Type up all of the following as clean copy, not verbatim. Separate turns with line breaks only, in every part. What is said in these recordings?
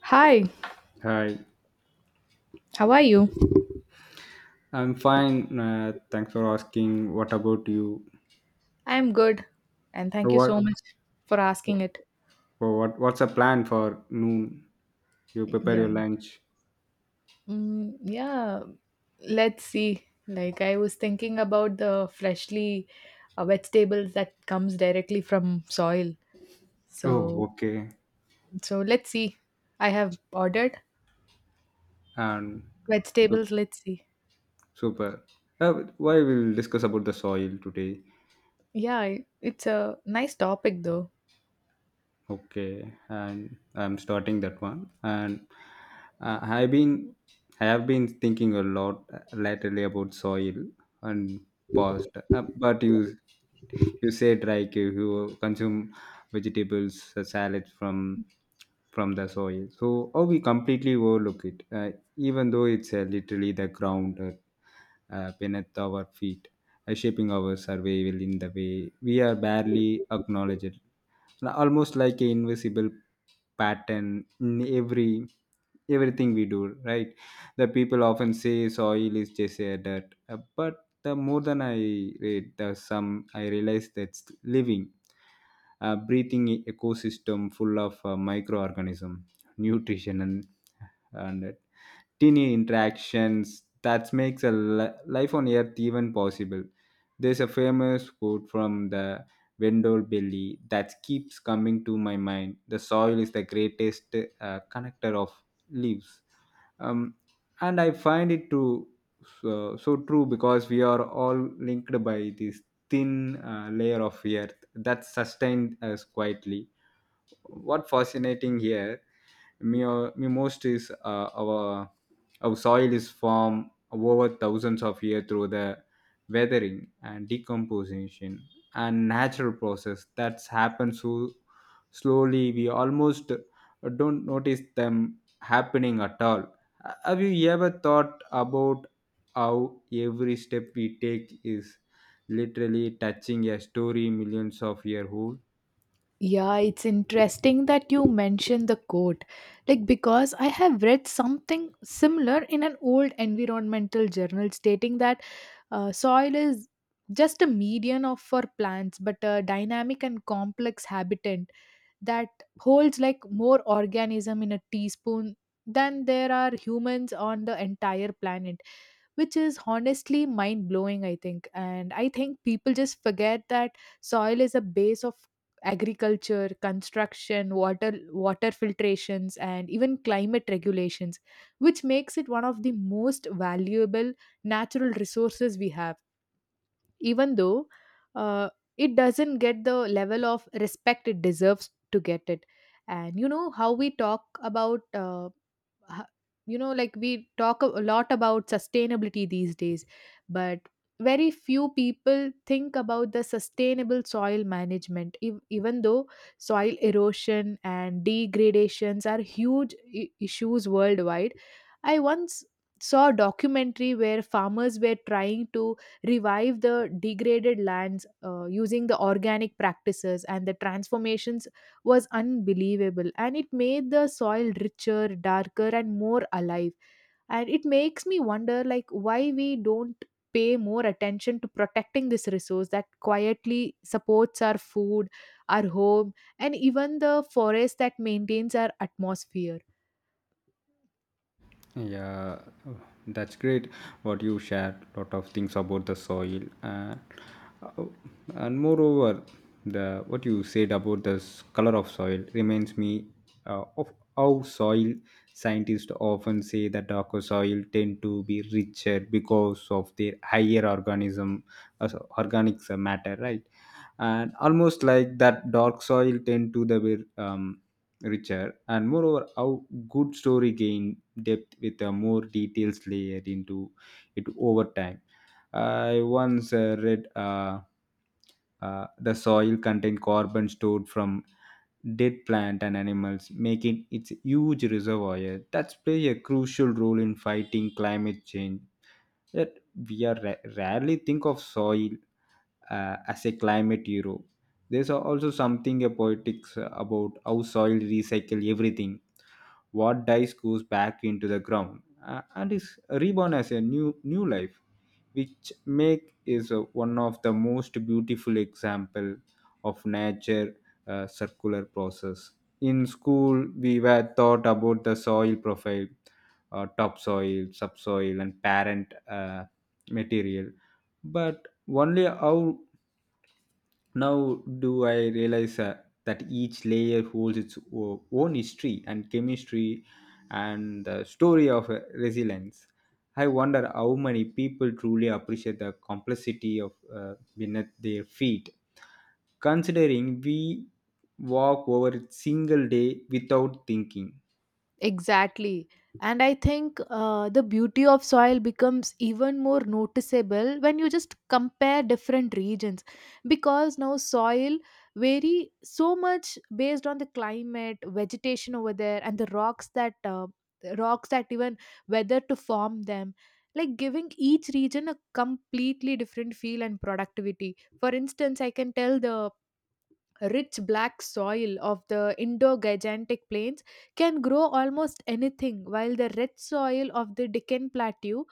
Hi,
Hi,
how are you?
I'm fine. Thanks for asking. What about you?
I'm good, and thank
So
you
What
so much for asking it.
what's the plan for noon? You prepare
Yeah.
your lunch.
Mm, yeah, let's see. Like I was thinking about the freshly vegetables that comes directly from soil.
Oh,
So,
okay.
so let's see. I have ordered
And
vegetables,
super.
let's see.
Super. Why we'll discuss about the soil today?
Yeah, it's a nice topic though.
Okay, and I'm starting that one. And uh, I've been, I have been thinking a lot lately about soil and past. But you said like you consume vegetables, salads from the soil. So, oh, we completely overlook it, even though it's literally the ground beneath our feet, shaping our survival in the way we are barely acknowledged. Like, almost like a invisible pattern in everything we do, right? The people often say soil is just a dirt. But the more than I read the some, I realize that's living, breathing ecosystem full of microorganism, nutrition and tiny interactions that makes life on earth even possible. There's a famous quote from the Wendell Belly that keeps coming to my mind: the soil is the greatest connector of leaves. um, and I find it true, so true, because we are all linked by this thin layer of earth that sustains us quietly. What fascinating here me most is our soil is formed over thousands of years through the weathering and decomposition and natural process that's happened so slowly we almost don't notice them happening at all. Have you ever thought about how every step we take is literally touching a story millions of years old?
Yeah, it's interesting that you mentioned the quote. Like, because I have read something similar in an old environmental journal stating that soil is just a median of for plants, but a dynamic and complex habitant that holds like more organism in a teaspoon than there are humans on the entire planet, which is honestly mind blowing. I think, and I think people just forget that soil is a base of agriculture, construction, water filtrations, and even climate regulations, which makes it one of the most valuable natural resources we have, even though uh, it doesn't get the level of respect it deserves to get it. And you know how we talk about h- you know like we talk a lot about sustainability these days, but very few people think about the sustainable soil management, even though soil erosion and degradations are huge issues worldwide. I once saw a documentary where farmers were trying to revive the degraded lands using the organic practices, and the transformations was unbelievable, and it made the soil richer, darker, and more alive. And it makes me wonder, like, why we don't pay more attention to protecting this resource that quietly supports our food, our home, and even the forest that maintains our atmosphere.
Yeah, that's great. What you shared, lot of things about the soil uh, and moreover, the what you said about the color of soil reminds me of how soil scientists often say that darker soil tend to be richer because of their higher organism, so organic matter, right? And almost like that dark soil tend to the be richer, and moreover how good story gain depth with a more details layered into it over time. I once read the soil contain carbon stored from dead plant and animals, making it huge reservoir that play a crucial role in fighting climate change. Yet we are rarely think of soil as a climate hero. There's also something a poetics about how soil recycle everything, what dies goes back into the ground and is reborn as a new life, which make is one of the most beautiful example of nature circular process. In school we were taught about the soil profile, topsoil, subsoil and parent material, but only how now, do I realize that each layer holds its own history and chemistry and the story of resilience? I wonder how many people truly appreciate the complexity of beneath their feet, considering we walk over a single day without thinking.
Exactly. And I think the beauty of soil becomes even more noticeable when you just compare different regions, because now soil vary so much based on the climate, vegetation over there, and the rocks that rocks that even whether to form them, like giving each region a completely different feel and productivity. For instance, I can tell the rich black soil of the Indo-Gigantic plains can grow almost anything, while the red soil of the Deccan Plateau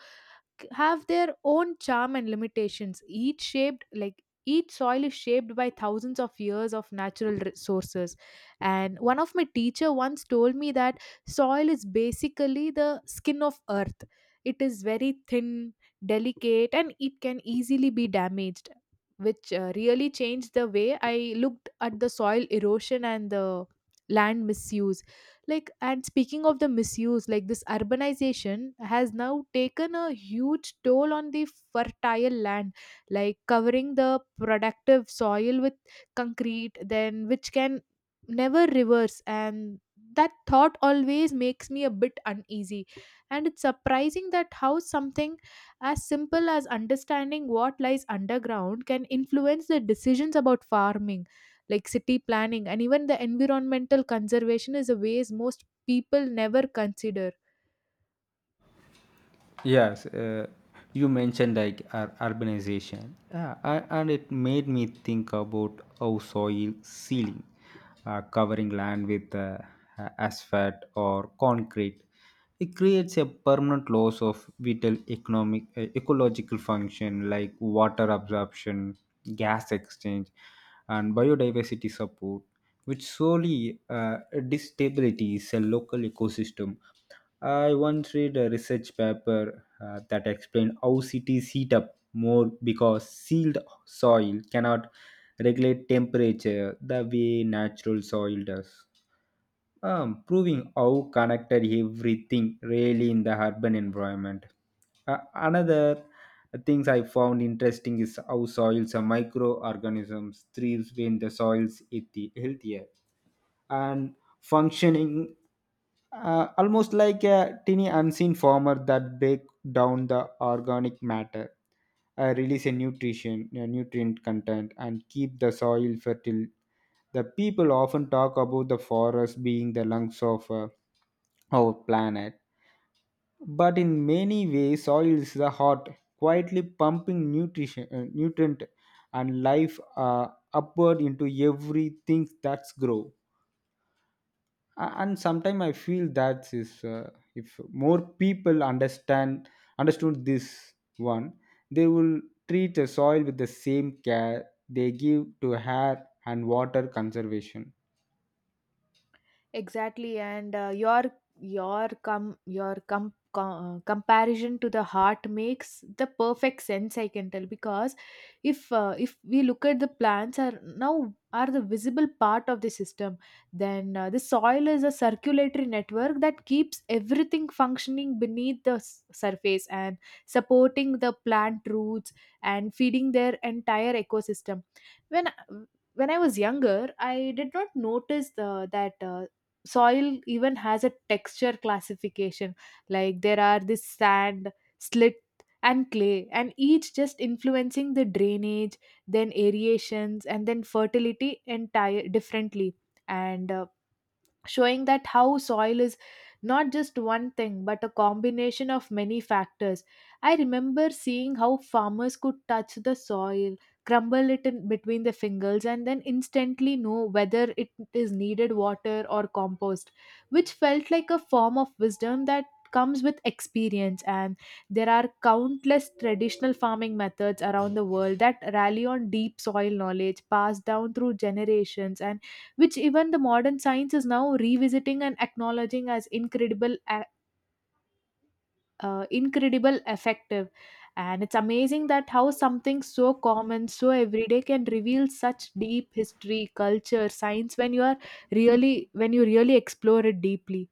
have their own charm and limitations, each shaped like each soil is shaped by thousands of years of natural resources. And one of my teacher once told me that soil is basically the skin of earth. It is very thin, delicate, and it can easily be damaged, which really changed the way I looked at the soil erosion and the land misuse. Like, and speaking of the misuse, like this urbanization has now taken a huge toll on the fertile land, like covering the productive soil with concrete, then which can never reverse, and that thought always makes me a bit uneasy. And it's surprising that how something as simple as understanding what lies underground can influence the decisions about farming, like city planning and even the environmental conservation, is a ways most people never consider.
Yes, you mentioned like urbanization, yeah, and it made me think about how soil sealing, covering land with asphalt or concrete, it creates a permanent loss of vital economic ecological function like water absorption, gas exchange, and biodiversity support, which solely destabilizes a local ecosystem. I once read a research paper that explained how cities heat up more because sealed soil cannot regulate temperature the way natural soil does, proving how connected everything really in the urban environment. Another things I found interesting is how soils are microorganisms thrives when the soils is healthier and functioning almost like a tiny unseen farmer that break down the organic matter, release a nutrient content and keep the soil fertile. The people often talk about the forest being the lungs of our planet, but in many ways soil is the heart, quietly pumping nutrition nutrient and life upward into everything that's grow. And sometimes I feel that is if more people understand understood this one, they will treat the soil with the same care they give to air and water conservation.
Exactly, and your comparison to the heart makes the perfect sense. I can tell because if we look at the plants are now are the visible part of the system, then the soil is a circulatory network that keeps everything functioning beneath the surface and supporting the plant roots and feeding their entire ecosystem. When when I was younger, I did not notice the, that soil even has a texture classification. Like, there are this sand, slit, and clay, and each just influencing the drainage, then aerations, and then fertility entire differently, and showing that how soil is not just one thing but a combination of many factors. I remember seeing how farmers could touch the soil, crumble it in between the fingers, and then instantly know whether it is needed water or compost, which felt like a form of wisdom that comes with experience. And there are countless traditional farming methods around the world that rally on deep soil knowledge passed down through generations, and which even the modern science is now revisiting and acknowledging as incredible effective. And it's amazing that how something so common, so everyday, can reveal such deep history, culture, science, when you are really when you really explore it deeply.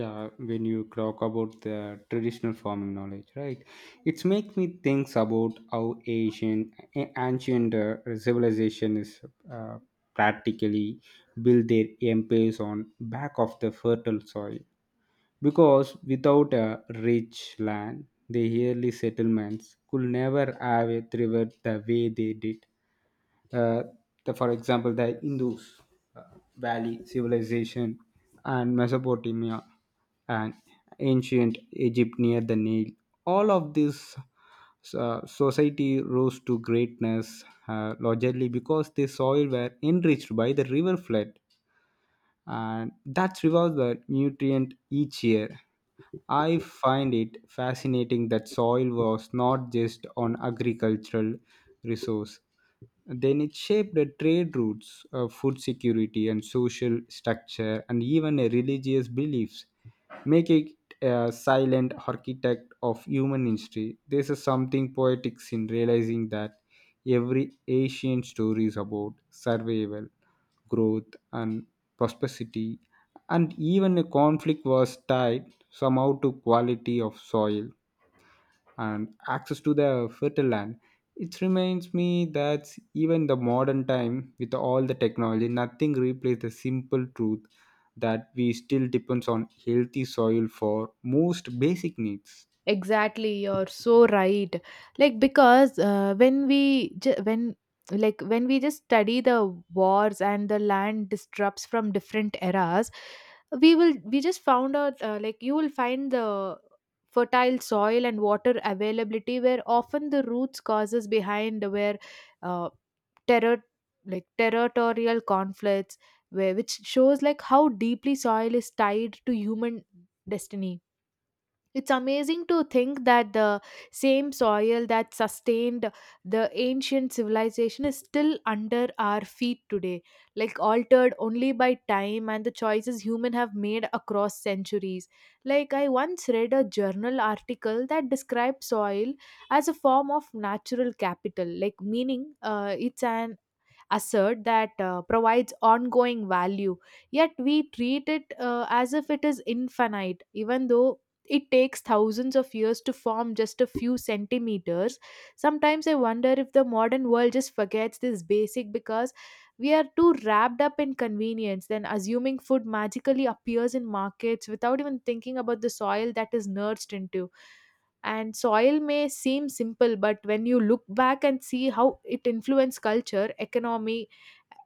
Yeah, when you talk about the traditional farming knowledge, right? It makes me think about how ancient civilization is uh, practically built their empires on back of the fertile soil, because without a rich land, the early settlements could never have thrived the way they did. Uh, for example, the Indus uh, Valley civilization and Mesopotamia and ancient Egypt near the Nile. All of these society rose to greatness largely because the soil were enriched by the river flood and that revives the nutrient each year. I find it fascinating that soil was not just an agricultural resource, then it shaped the trade routes, food security, and social structure, and even a religious beliefs, making it a silent architect of human history. This is something poetic in realizing that every ancient story is about survival, growth, and prosperity, and even a conflict was tied somehow to quality of soil and access to the fertile land. It reminds me that even the modern time with all the technology, nothing replaces the simple truth that we still depends on healthy soil for most basic needs.
Exactly, you're so right. Like, because when like when we just study the wars and the land disrupts from different eras, we just found out, like, you will find the fertile soil and water availability where often the roots causes behind where uh, terror like territorial conflicts, where which shows like how deeply soil is tied to human destiny. It's amazing to think that the same soil that sustained the ancient civilization is still under our feet today, like altered only by time and the choices humans have made across centuries. Like, I once read a journal article that described soil as a form of natural capital, like, meaning it's an assert that provides ongoing value, yet we treat it as if it is infinite, even though it takes thousands of years to form just a few centimeters. Sometimes I wonder if the modern world just forgets this basic, because we are too wrapped up in convenience, then assuming food magically appears in markets without even thinking about the soil that is nursed into. And soil may seem simple, but when you look back and see how it influenced culture, economy,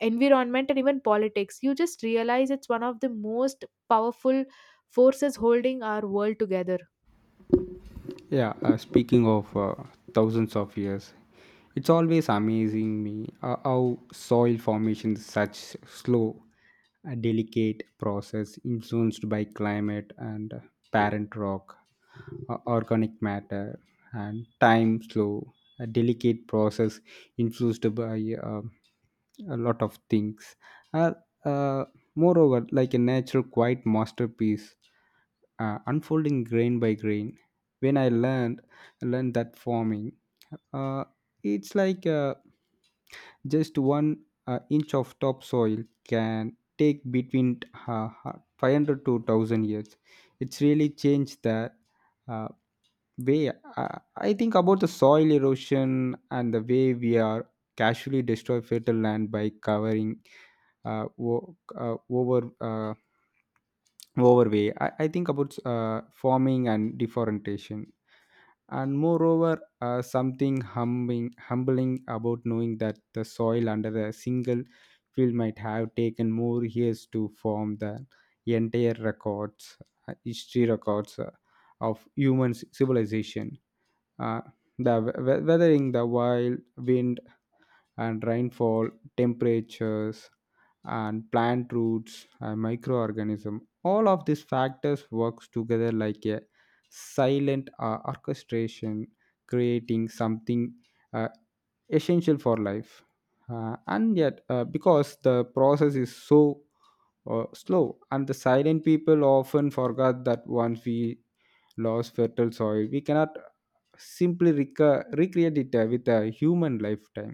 environment, and even politics, you just realize it's one of the most powerful forces holding our world together.
Yeah, speaking of thousands of years, it's always amazing me how soil formation is such slow, delicate process influenced by climate and parent rock, organic matter, and time slow, a delicate process influenced by a lot of things. Uh, uh, Moreover, like a natural quiet masterpiece, unfolding grain by grain. When I learned that farming, uh, it's like just one inch of topsoil can take between uh, 500 to 1000 years, it's really changed the uh, way I, I think about the soil erosion and the way we are casually destroy fertile land by covering uh, wo- uh, over uh, overway I think about farming and deforestation. And moreover something humbling about knowing that the soil under a single field might have taken more years to form the entire records, history records of human civilization. Uh, the we- we- weathering, the wild wind and rainfall, temperatures and plant roots and microorganism, all of these factors works together like a silent orchestration, creating something uh, essential for life. And yet, because the process is so slow and the silent, people often forget that once we lose fertile soil we cannot simply recreate it with a human lifetime.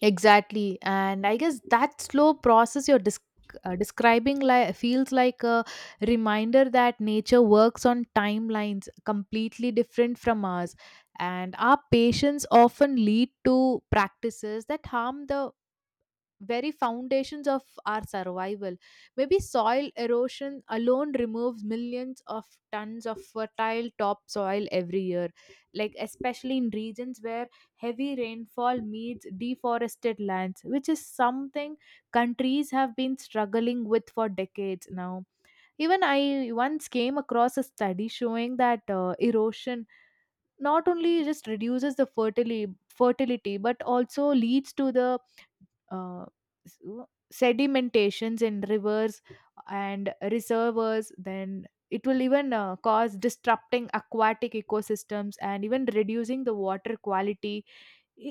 Exactly, and I guess that slow process you're describing, like, feels like a reminder that nature works on timelines completely different from ours, and our patience often lead to practices that harm the very foundations of our survival. Maybe soil erosion alone removes millions of tons of fertile topsoil every year, like especially in regions where heavy rainfall meets deforested lands, which is something countries have been struggling with for decades now. Even I once came across a study showing that erosion not only just reduces the fertility, but also leads to the uh, s- uh, sedimentations in rivers and reservoirs, then it will even cause disrupting aquatic ecosystems and even reducing the water quality.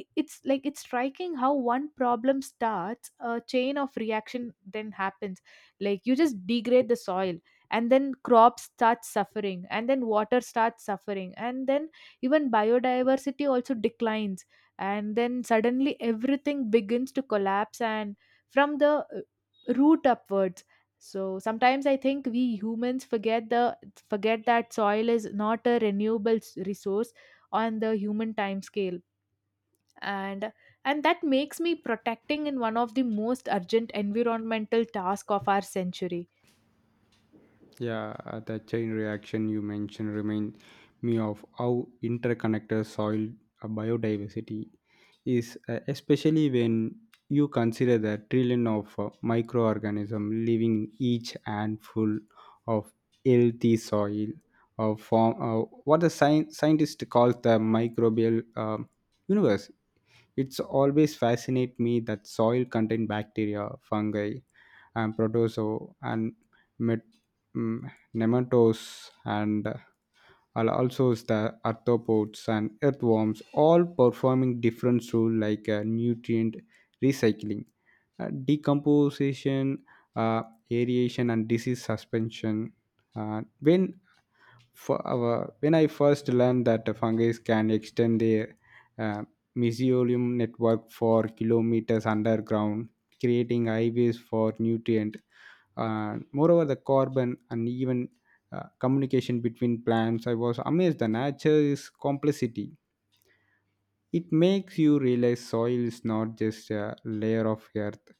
It's like it's striking how one problem starts a chain of reaction, then happens, like, you just degrade the soil, and then crops start suffering, and then water starts suffering, and then even biodiversity also declines, and then suddenly everything begins to collapse and from the root upwards. So sometimes I think we humans forget the forget that soil is not a renewable resource on the human time scale, and and that makes me protecting in one of the most urgent environmental task of our century.
Yeah, the chain reaction you mentioned remind me of how interconnected soil biodiversity is, especially when you consider the trillion of microorganisms living in each handful of healthy soil, or form what the scientist calls the microbial universe. It's always fascinate me that soil contain bacteria, fungi, and protozoa and met- mm, nematodes and also the arthropods and earthworms all performing different role like nutrient recycling, decomposition, uh, aeration and disease suspension. When for our When I first learned that the fungi can extend their uh, mycelium network for kilometers underground, creating highways for nutrient. Moreover, the carbon and even communication between plants. I was amazed. The nature is complexity. It makes you realize soil is not just a layer of earth,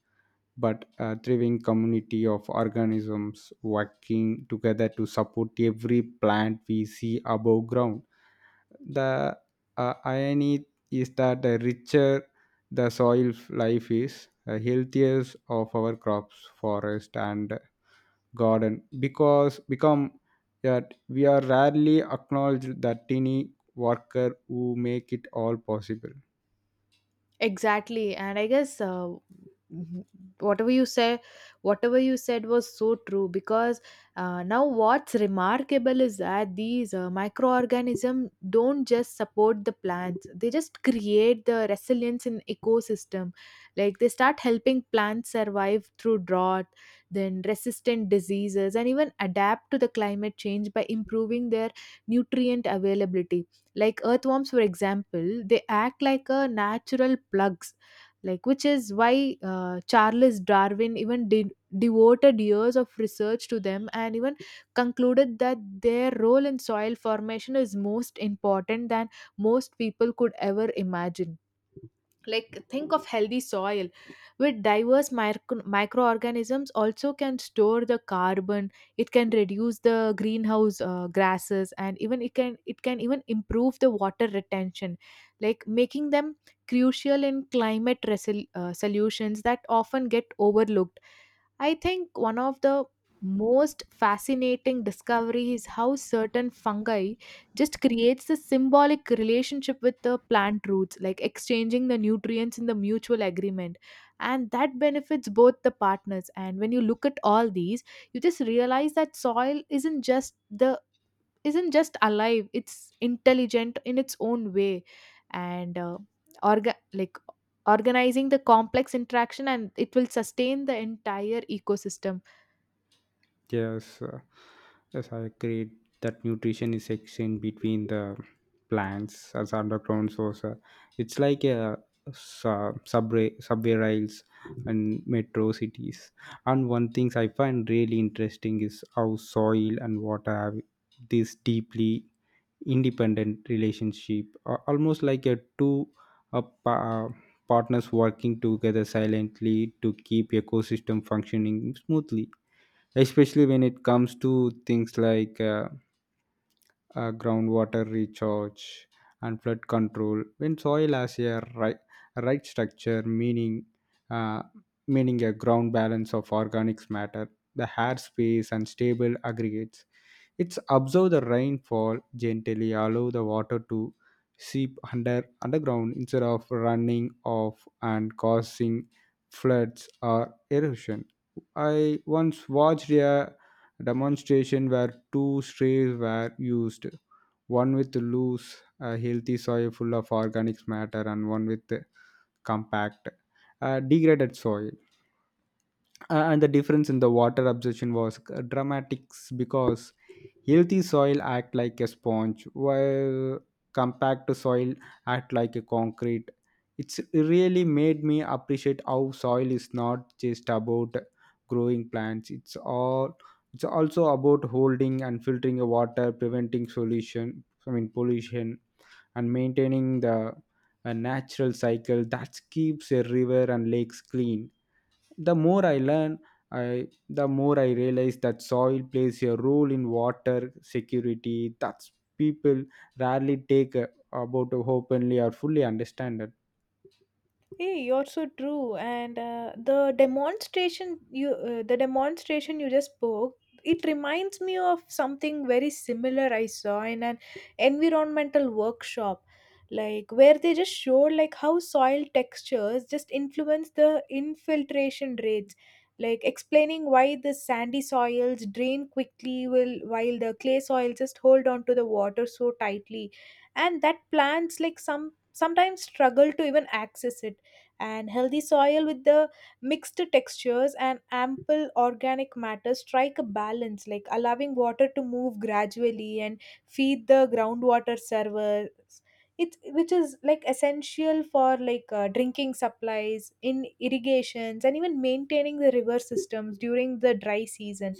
but a thriving community of organisms working together to support every plant we see above ground. The irony is that the richer the soil life is, the healthier of our crops, forest, and garden because become that we are rarely acknowledged the tiny worker who make it all possible.
Exactly, and I guess w- whatever you say, whatever you said was so true, because now what's remarkable is that these microorganisms don't just support the plants; they just create the resilience in ecosystem. Like, they start helping plants survive through drought, then resistant diseases, and even adapt to the climate change by improving their nutrient availability. Like earthworms, for example, they act like a natural plugs, like, which is why Charles Darwin even did devoted years of research to them, and even concluded that their role in soil formation is most important than most people could ever imagine. Like, think of healthy soil with diverse microorganisms also can store the carbon. It can reduce the greenhouse gases, and even it can even improve the water retention, like making them crucial in climate solutions that often get overlooked. I think one of the most fascinating discovery is how certain fungi just creates a symbolic relationship with the plant roots, like exchanging the nutrients in the mutual agreement, and that benefits both the partners. And when you look at all these, you just realize that soil isn't just alive, it's intelligent in its own way, and like organizing the complex interaction, and it will sustain the entire ecosystem.
Yes, uh, yes, I agree that nutrition is exchanged between the plants as underground source. It's like a subway, subway rails and metro cities. And one thing I find really interesting is how soil and water have this deeply independent relationship, almost like a two uh, pa- uh, partners working together silently to keep ecosystem functioning smoothly, especially when it comes to things like groundwater recharge and flood control. When soil has a right structure, meaning uh, a ground balance of organics matter, the hard space and stable aggregates, it's observe the rainfall gently, allow the water to seep underground instead of running off and causing floods or erosion. I once watched a demonstration where two strays were used, one with loose, healthy soil full of organic matter, and one with compact, degraded soil and the difference in the water absorption was dramatic because healthy soil act like a sponge while compact soil act like a concrete. It's really made me appreciate how soil is not just about growing plants. It's also about holding and filtering the water, preventing solution, I mean pollution, and maintaining the natural cycle that keeps a river and lakes clean. The more I learn, I the more I realize that soil plays a role in water security. That's people rarely take about openly or fully understand it.
Hey, you're so true. And the demonstration you just spoke, it reminds me of something very similar I saw in an environmental workshop, like where they just showed like how soil textures just influence the infiltration rates, like explaining why the sandy soils drain quickly will while the clay soils just hold on to the water so tightly, and that plants like sometimes struggle to even access it. And healthy soil with the mixed textures and ample organic matter strike a balance like allowing water to move gradually and feed the groundwater servers it, which is like essential for like drinking supplies in irrigations and even maintaining the river systems during the dry season.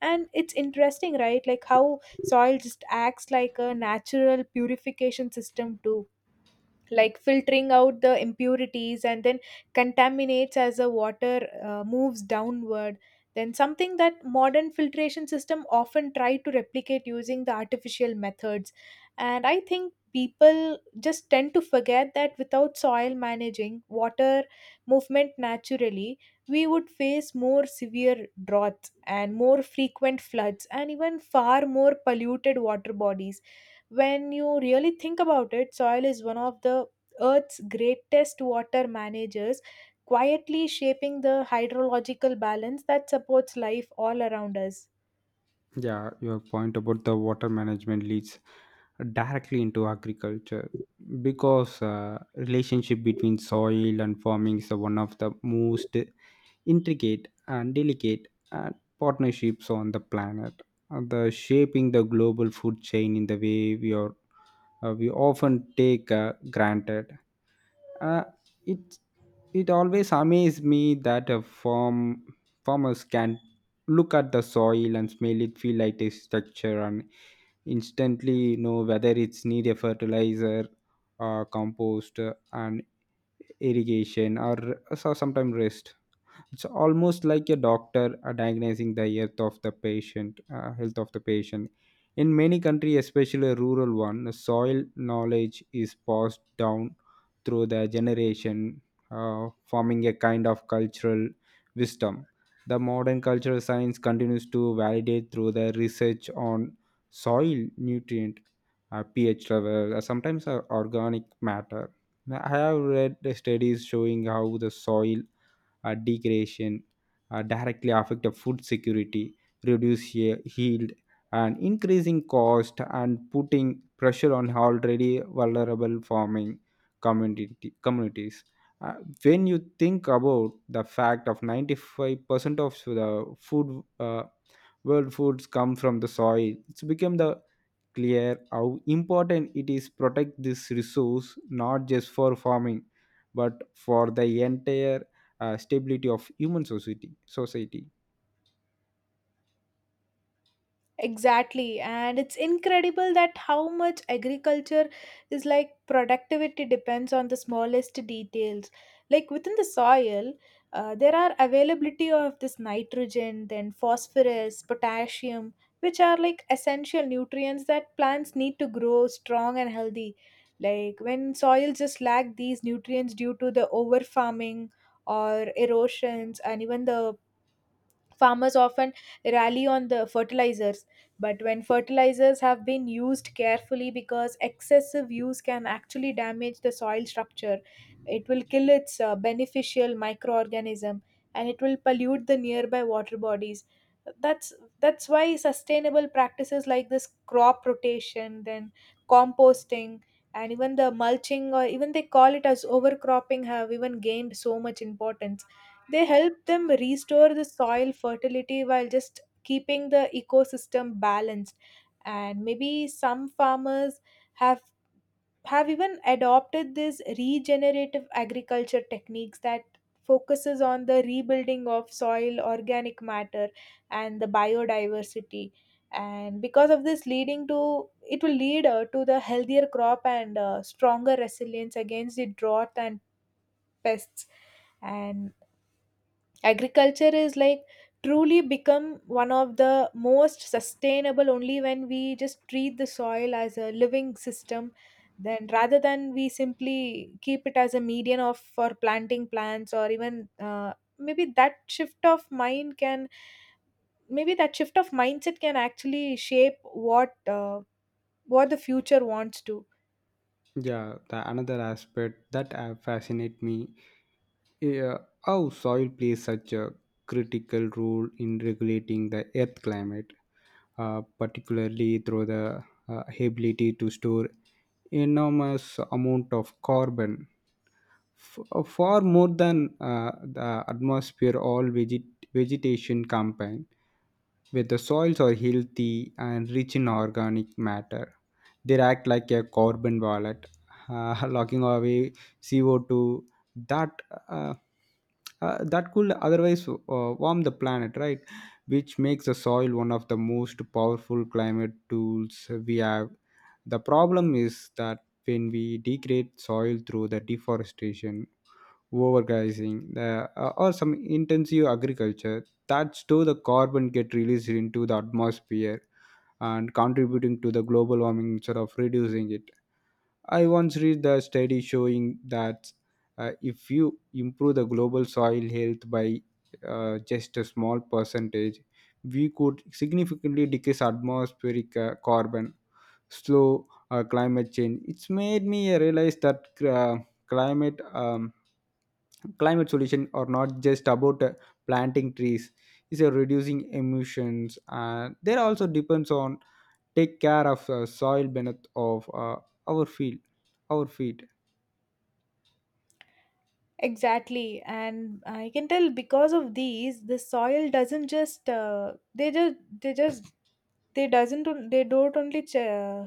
And it's interesting, right? Like how soil just acts like a natural purification system too, like filtering out the impurities and then contaminates as the water moves downward, then something that modern filtration system often try to replicate using the artificial methods. And I think people just tend to forget that without soil managing water movement naturally, we would face more severe droughts and more frequent floods and even far more polluted water bodies. When you really think about it, soil is one of the Earth's greatest water managers, quietly shaping the hydrological balance that supports life all around us.
Yeah, your point about the water management leads directly into agriculture because relationship between soil and farming is one of the most intricate and delicate and partnerships on the planet and the shaping the global food chain in the way we are we often take granted. uh, it it always amazes me that a farm farmers can look at the soil and smell it, feel like its texture, and instantly know whether it's need a fertilizer, compost, and irrigation, or so sometimes rest. It's almost like a doctor diagnosing the health of the patient. In many countries, especially rural one, the soil knowledge is passed down through the generation, forming a kind of cultural wisdom. The modern cultural science continues to validate through the research on soil nutrient, pH level, sometimes organic matter. Now, I have read the studies showing how the soil degradation directly affect the food security, reduce yield, and increasing cost and putting pressure on already vulnerable farming community communities. Uh, when you think about the fact of 95% of the food world foods come from the soil, it's become the clear how important it is protect this resource, not just for farming but for the entire stability of human society.
Exactly, and it's incredible that how much agriculture is like productivity depends on the smallest details. Like within the soil, there are availability of this nitrogen, then phosphorus, potassium, which are like essential nutrients that plants need to grow strong and healthy. Like when soil just lack these nutrients due to the over farming or erosions and even the farmers often rally on the fertilizers, but when fertilizers have been used carefully because excessive use can actually damage the soil structure, it will kill its beneficial microorganism and it will pollute the nearby water bodies. That's that's why sustainable practices like this crop rotation, then composting and even the mulching, or even they call it as overcropping, have even gained so much importance. They help them restore the soil fertility while just keeping the ecosystem balanced. And maybe some farmers have have even adopted these regenerative agriculture techniques that focuses on the rebuilding of soil organic matter and the biodiversity, and because of this leading to it will lead to the healthier crop and stronger resilience against the drought and pests. And agriculture is like truly become one of the most sustainable only when we just treat the soil as a living system, then rather than we simply keep it as a median of for planting plants or even maybe that shift of mindset can actually shape uh, what the future wants to.
Yeah, the another aspect that fascinate me uh, how soil plays such a critical role in regulating the earth climate, particularly through the ability to store enormous amount of carbon, far more than the atmosphere all vegetation combined. With the soils are healthy and rich in organic matter, they act like a carbon wallet, locking away CO2 that uh, that could otherwise warm the planet, right, which makes the soil one of the most powerful climate tools we have. The problem is that when we degrade soil through the deforestation, overgrazing or some intensive agriculture, that's too the carbon get released into the atmosphere and contributing to the global warming instead of reducing it. I once read the study showing that if you improve the global soil health by just a small percentage, we could significantly decrease atmospheric carbon, slow climate change. It's made me realize that climate um, climate solution are not just about planting trees. It's a reducing emissions, and there also depends on take care of soil beneath of our field, our feet.
Exactly, and I can tell because of these, the soil doesn't just they don't only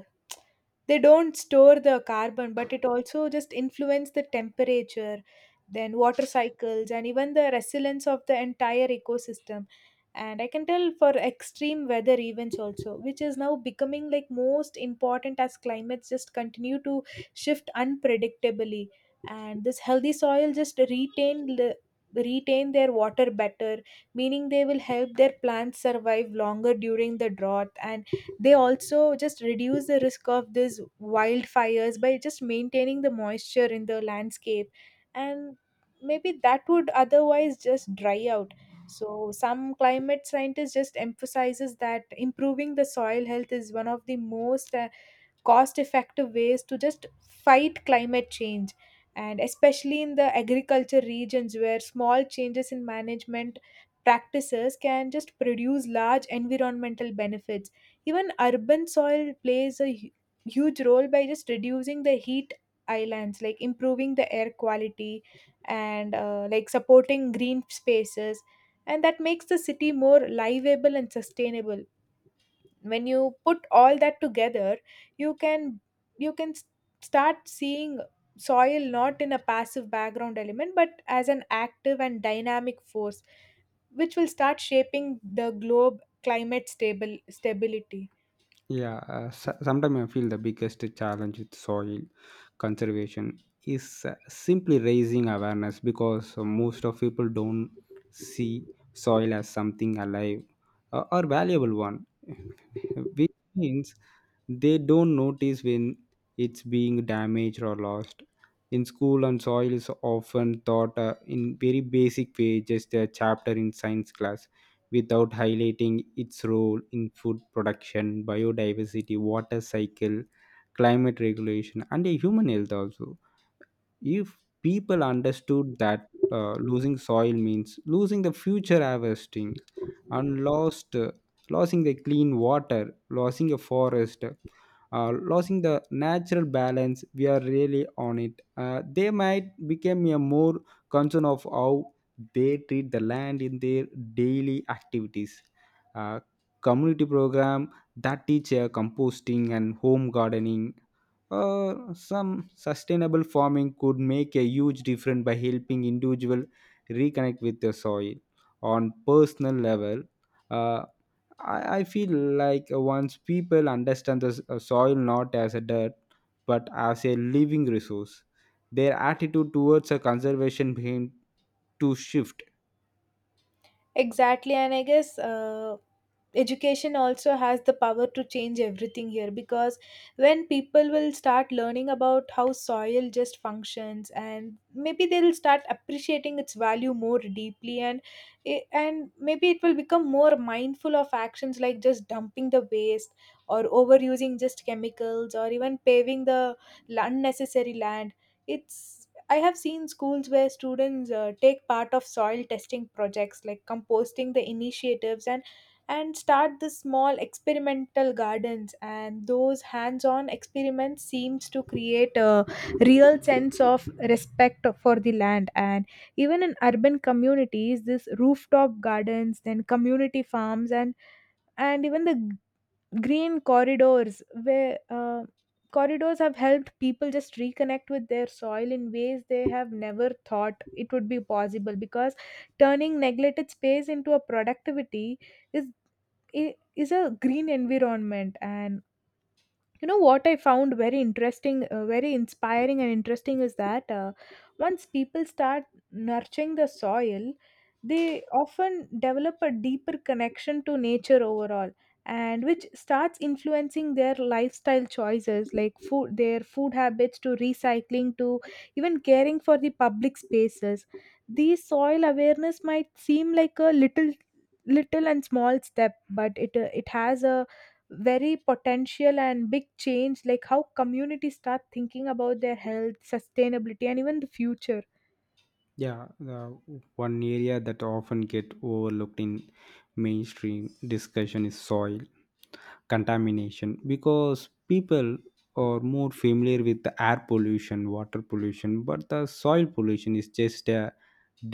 they don't store the carbon, but it also just influence the temperature, then water cycles, and even the resilience of the entire ecosystem. And I can tell for extreme weather events also, which is now becoming like most important as climates just continue to shift unpredictably. And this healthy soil just retain their water better, meaning they will help their plants survive longer during the drought, and they also just reduce the risk of these wildfires by just maintaining the moisture in the landscape and maybe that would otherwise just dry out. So some climate scientists just emphasizes that improving the soil health is one of the most cost effective ways to just fight climate change, and especially in the agriculture regions where small changes in management practices can just produce large environmental benefits. Even urban soil plays a huge role by just reducing the heat islands, like improving the air quality and like supporting green spaces, and that makes the city more livable and sustainable. When you put all that together, you can you can s- start seeing soil not in a passive background element but as an active and dynamic force, which will start shaping the globe climate stable stability.
Yeah, so- sometimes I feel the biggest challenge with soil conservation is simply raising awareness because most of people don't see soil as something alive or valuable one, which means they don't notice when it's being damaged or lost. In school, and soil is often taught in very basic way, just a chapter in science class, without highlighting its role in food production, biodiversity, water cycle, climate regulation, and a human health also. If people understood that losing soil means losing the future harvesting and lost, uh, losing the clean water, losing a forest, losing the natural balance we are really on it, they might become a more concern of how they treat the land in their daily activities. uh, Community program that teach composting and home gardening or some sustainable farming could make a huge difference by helping individual reconnect with the soil on personal level. Uh, I, I feel like once people understand the soil not as a dirt but as a living resource, their attitude towards a conservation begin to shift.
Exactly, and I guess education also has the power to change everything here, because when people will start learning about how soil just functions, and maybe they'll start appreciating its value more deeply, and and maybe it will become more mindful of actions like just dumping the waste or overusing just chemicals or even paving the unnecessary land. It's I have seen schools where students take part of soil testing projects like composting the initiatives and start the small experimental gardens, and those hands-on experiments seems to create a real sense of respect for the land. And even in urban communities, this rooftop gardens, then community farms and even the green corridors where corridors have helped people just reconnect with their soil in ways they have never thought it would be possible, because turning neglected space into a productivity is is a green environment. And you know what I found very interesting, very inspiring and interesting, is that once people start nurturing the soil, they often develop a deeper connection to nature overall, and which starts influencing their lifestyle choices like food their food habits to recycling to even caring for the public spaces. These soil awareness might seem like a little and small step, but it it has a very potential and big change like how communities start thinking about their health sustainability and even the future.
Yeah, the one area that often get overlooked in mainstream discussion is soil contamination, because people are more familiar with the air pollution, water pollution, but the soil pollution is just a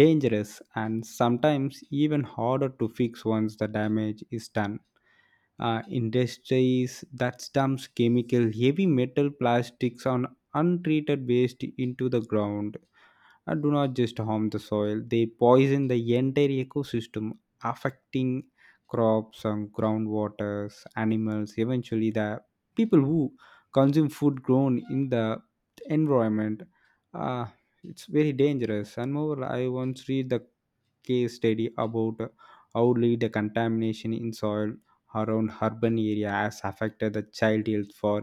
dangerous and sometimes even harder to fix once the damage is done. Industries that dumps chemical, heavy metal, plastics, and untreated waste into the ground do not just harm the soil; they poison the entire ecosystem, affecting crops and groundwaters, animals, eventually the people who consume food grown in the environment. uh, it's very dangerous and moreover I once read the case study about how lead contamination in soil around urban area has affected the child health for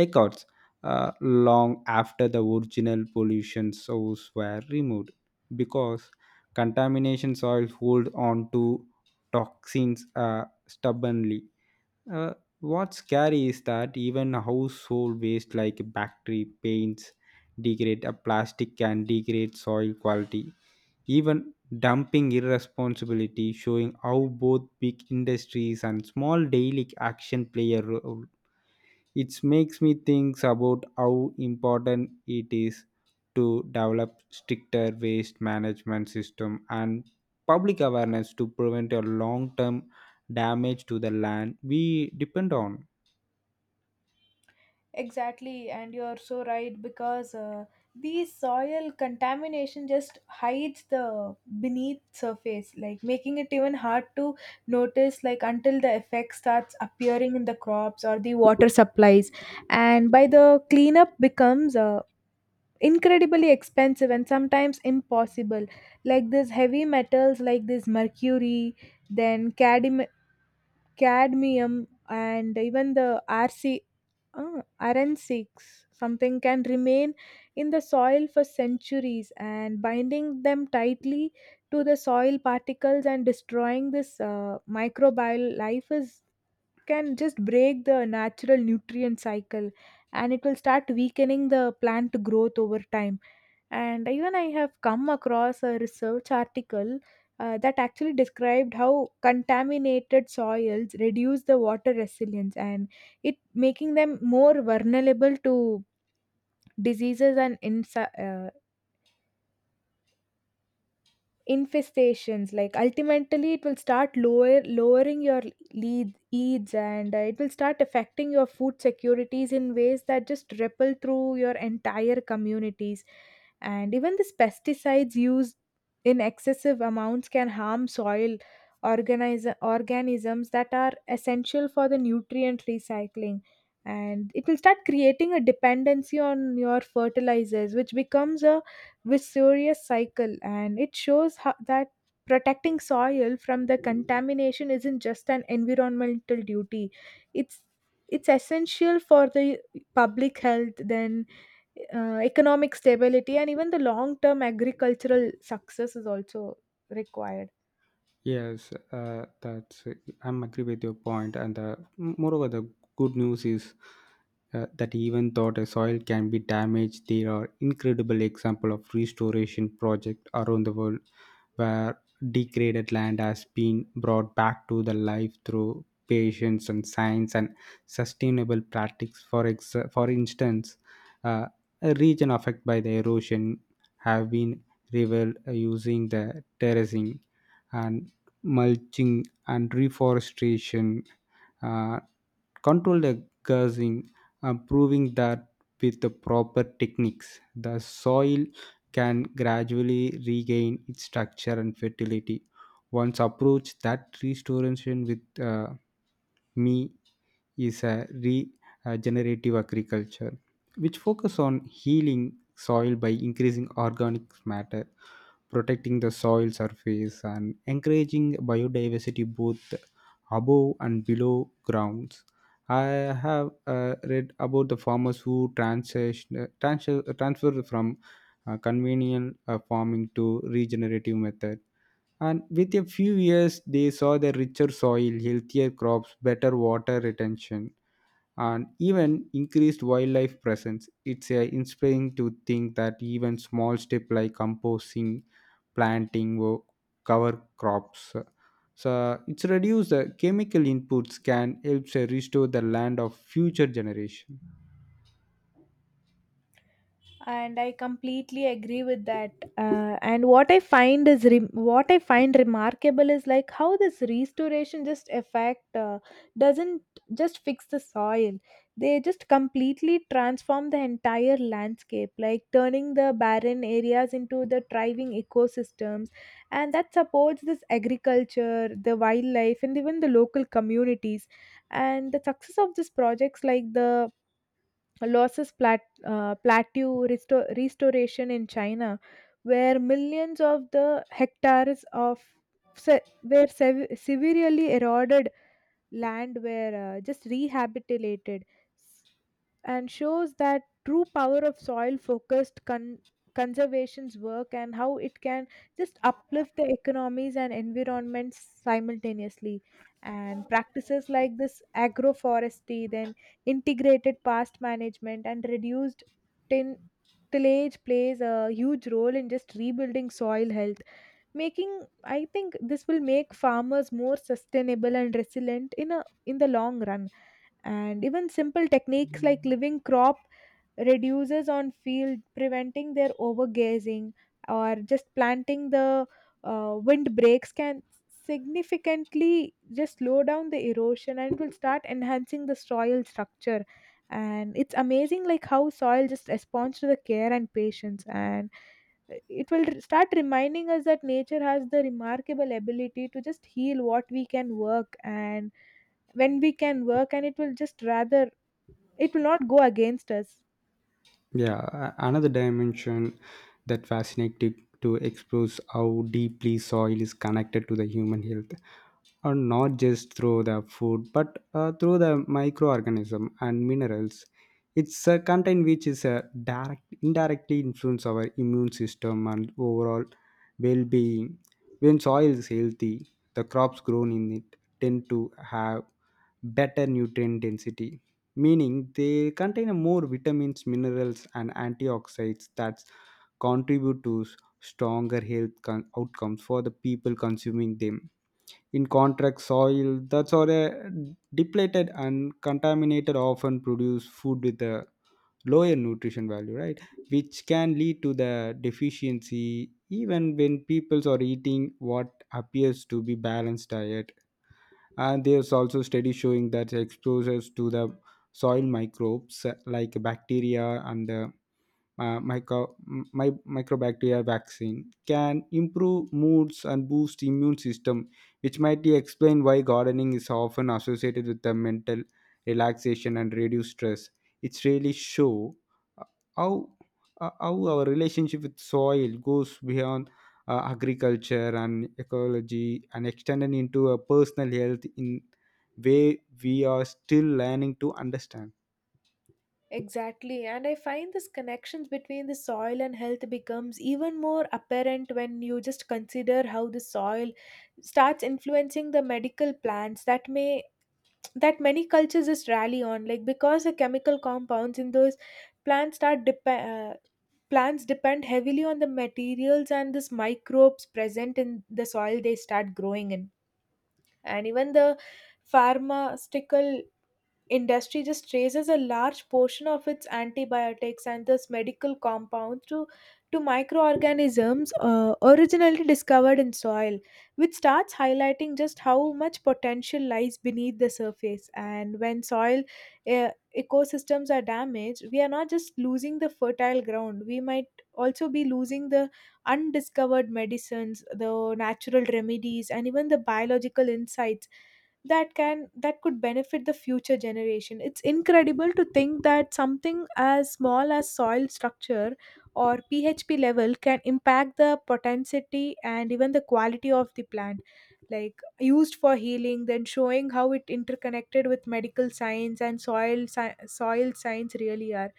decades, long after the original pollution source were removed, because contamination soil hold on to toxins stubbornly. Uh, what's scary is that even household waste like bacteria, paints degrade, a plastic can degrade soil quality. Even dumping irresponsibility showing how both big industries and small daily action play a role, it makes me think about how important it is to develop stricter waste management system and public awareness to prevent a long term damage to the land we depend on.
Exactly, and you're so right because the soil contamination just hides the beneath surface, like making it even hard to notice, like until the effect starts appearing in the crops or the water supplies, and by the cleanup becomes incredibly expensive and sometimes impossible. Like this heavy metals like this mercury, then cadmium, and even the rc RN6 something can remain in the soil for centuries, and binding them tightly to the soil particles and destroying this microbial life is can just break the natural nutrient cycle, and it will start weakening the plant growth over time. And even I have come across a research article that actually described how contaminated soils reduce the water resilience and it making them more vulnerable to diseases and insects infestations, like ultimately it will start lowering your lead yields, and it will start affecting your food securities in ways that just ripple through your entire communities. And even these pesticides used in excessive amounts can harm soil organisms that are essential for the nutrient recycling, and it will start creating a dependency on your fertilizers, which becomes a vicious cycle. And it shows how, that protecting soil from the contamination isn't just an environmental duty, it's it's essential for the public health, then economic stability and even the long term agricultural success is also required.
Yes, that's I'm agree with your point, and moreover, the good news is that even though the soil can be damaged, there are incredible example of restoration project around the world where degraded land has been brought back to the life through patience and science and sustainable practices. For instance, uh, a region affected by the erosion have been revealed using the terracing and mulching and reforestation, uh, controlled gassing, proving that with the proper techniques the soil can gradually regain its structure and fertility. Once approach that restoration with me is a regenerative agriculture, which focus on healing soil by increasing organic matter, protecting the soil surface, and encouraging biodiversity both above and below grounds. I have read about the farmers who transfer from convenient farming to regenerative method, and with a few years they saw the richer soil, healthier crops, better water retention, and even increased wildlife presence. It's inspiring to think that even small steps like composting, planting, wo- cover crops, so it's reduce the chemical inputs can help restore the land of future generation.
And I completely agree with that. And what I find is re- what I find remarkable is like how this restoration just effect doesn't just fix the soil, they just completely transform the entire landscape, like turning the barren areas into the thriving ecosystems, and that supports this agriculture, the wildlife, and even the local communities. And the success of these projects like the losses plat- plateau restoration in China, where millions of the hectares of severely eroded land were just rehabilitated, s- and shows that true power of soil focused conservation's work and how it can just uplift the economies and environments simultaneously. And practices like this agroforestry, then integrated past management and reduced tin tillage plays a huge role in just rebuilding soil health, making I think this will make farmers more sustainable and resilient in a in the long run. And even simple techniques like living crop reduces on field, preventing their overgazing, or just planting the wind breaks can significantly just slow down the erosion, and it will start enhancing the soil structure. And it's amazing like how soil just responds to the care and patience, and it will start reminding us that nature has the remarkable ability to just heal what we can work and when we can work, and it will just rather it will not go against us.
Yeah, another dimension that fascinating to explore is how deeply soil is connected to the human health, or not just through the food, but through the microorganism and minerals. Its content, which is indirectly influence our immune system and overall well-being. When soil is healthy, the crops grown in it tend to have better nutrient density, meaning they contain a more vitamins, minerals, and antioxidants that contribute to stronger outcomes for the people consuming them. In contrast, soil that's all a depleted and contaminated often produce food with a lower nutrition value, right? Which can lead to the deficiency even when people are eating what appears to be balanced diet. And there's also study showing that exposures to the soil microbes like bacteria and the uh, micro, microbacteria vaccine can improve moods and boost immune system, which might explain why gardening is often associated with the mental relaxation and reduced stress. It's really show uh, how how our relationship with soil goes beyond agriculture and ecology and extended into a personal health in way we are still learning to understand.
Exactly, and I find this connections between the soil and health becomes even more apparent when you just consider how the soil starts influencing the medical plants that may that many cultures just rally on, like because the chemical compounds in those plants start dep plants depend heavily on the materials and this microbes present in the soil they start growing in. And even the pharmaceutical industry just traces a large portion of its antibiotics and thus medical compounds to microorganisms originally discovered in soil, which starts highlighting just how much potential lies beneath the surface. And when soil uh, ecosystems are damaged, we are not just losing the fertile ground, we might also be losing the undiscovered medicines, the natural remedies, and even the biological insights that could benefit the future generation. It's incredible to think that something as small as soil structure or php level can impact the potency and even the quality of the plant like used for healing, then showing how it interconnected with medical science and soil science really are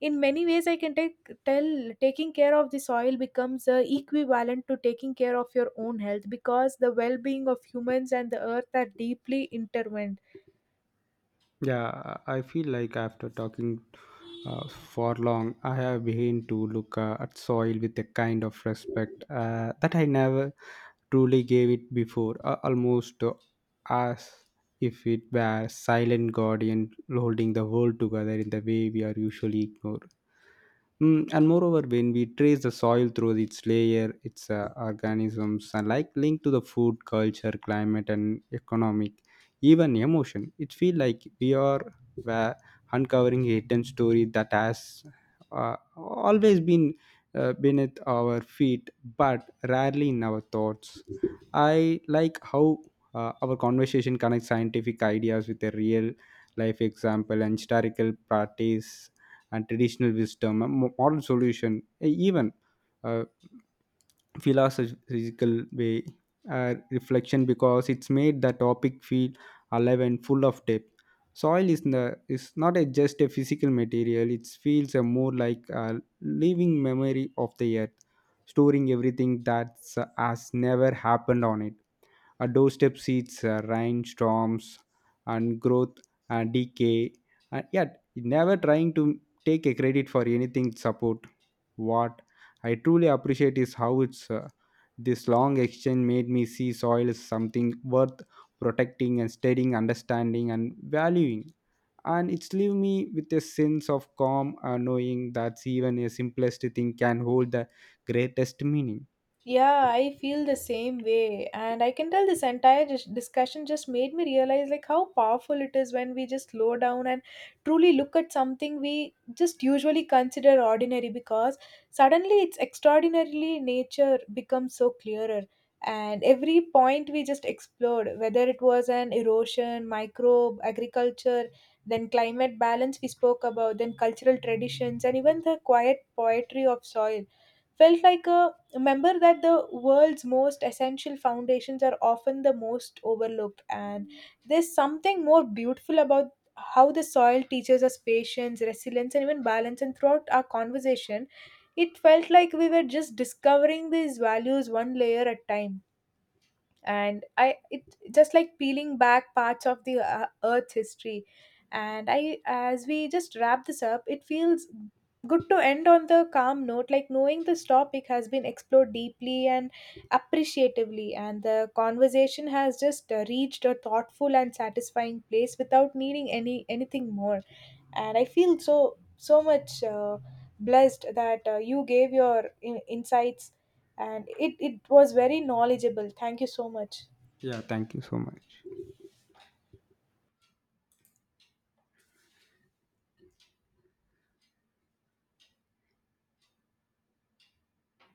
in many ways. I can take tell taking care of the soil becomes equivalent to taking care of your own health, because the well-being of humans and the earth are deeply intertwined.
Yeah, I feel like after talking for long, I have begun to look at soil with a kind of respect that I never truly gave it before, almost as if it were silent guardian holding the world together in the way we are usually ignore. Mm, and moreover, when we trace the soil through its layer, its organisms are like linked to the food, culture, climate, and economic, even emotion. It feels like we are uh, uncovering a hidden story that has always been beneath our feet, but rarely in our thoughts. I like how our conversation connects scientific ideas with a real life example and historical practice and traditional wisdom, and modern solution, even uh, philosophical way reflection, because it's made the topic feel alive and full of depth. Soil is, the, is not a, just a physical material, it feels a more like a living memory of the earth, storing everything that has never happened on it. Our doorstep seeds, rainstorms and growth and decay, and yet never trying to take a credit for anything support. What I truly appreciate is how it's this long exchange made me see soil is something worth protecting and studying, understanding and valuing. And it's leave me with a sense of calm, knowing that even a simplest thing can hold the greatest meaning.
Yeah, I feel the same way. And I can tell this entire discussion just made me realize like how powerful it is when we just slow down and truly look at something we just usually consider ordinary, because suddenly its extraordinarily nature becomes so clearer. And every point we just explored, whether it was an erosion, microbe, agriculture, then climate balance we spoke about, then cultural traditions, and even the quiet poetry of soil, felt like a Remember that the world's most essential foundations are often the most overlooked, and there's something more beautiful about how the soil teaches us patience, resilience, and even balance. And throughout our conversation, it felt like we were just discovering these values one layer at a time, and I it just like peeling back parts of the earth's history. And I as we just wrap this up, it feels good to end on the calm note, like knowing this topic has been explored deeply and appreciatively, and the conversation has just reached a thoughtful and satisfying place without needing anything more. And I feel so much blessed that you gave your insights, and it was very knowledgeable. Thank you so much.
Yeah, thank you so much.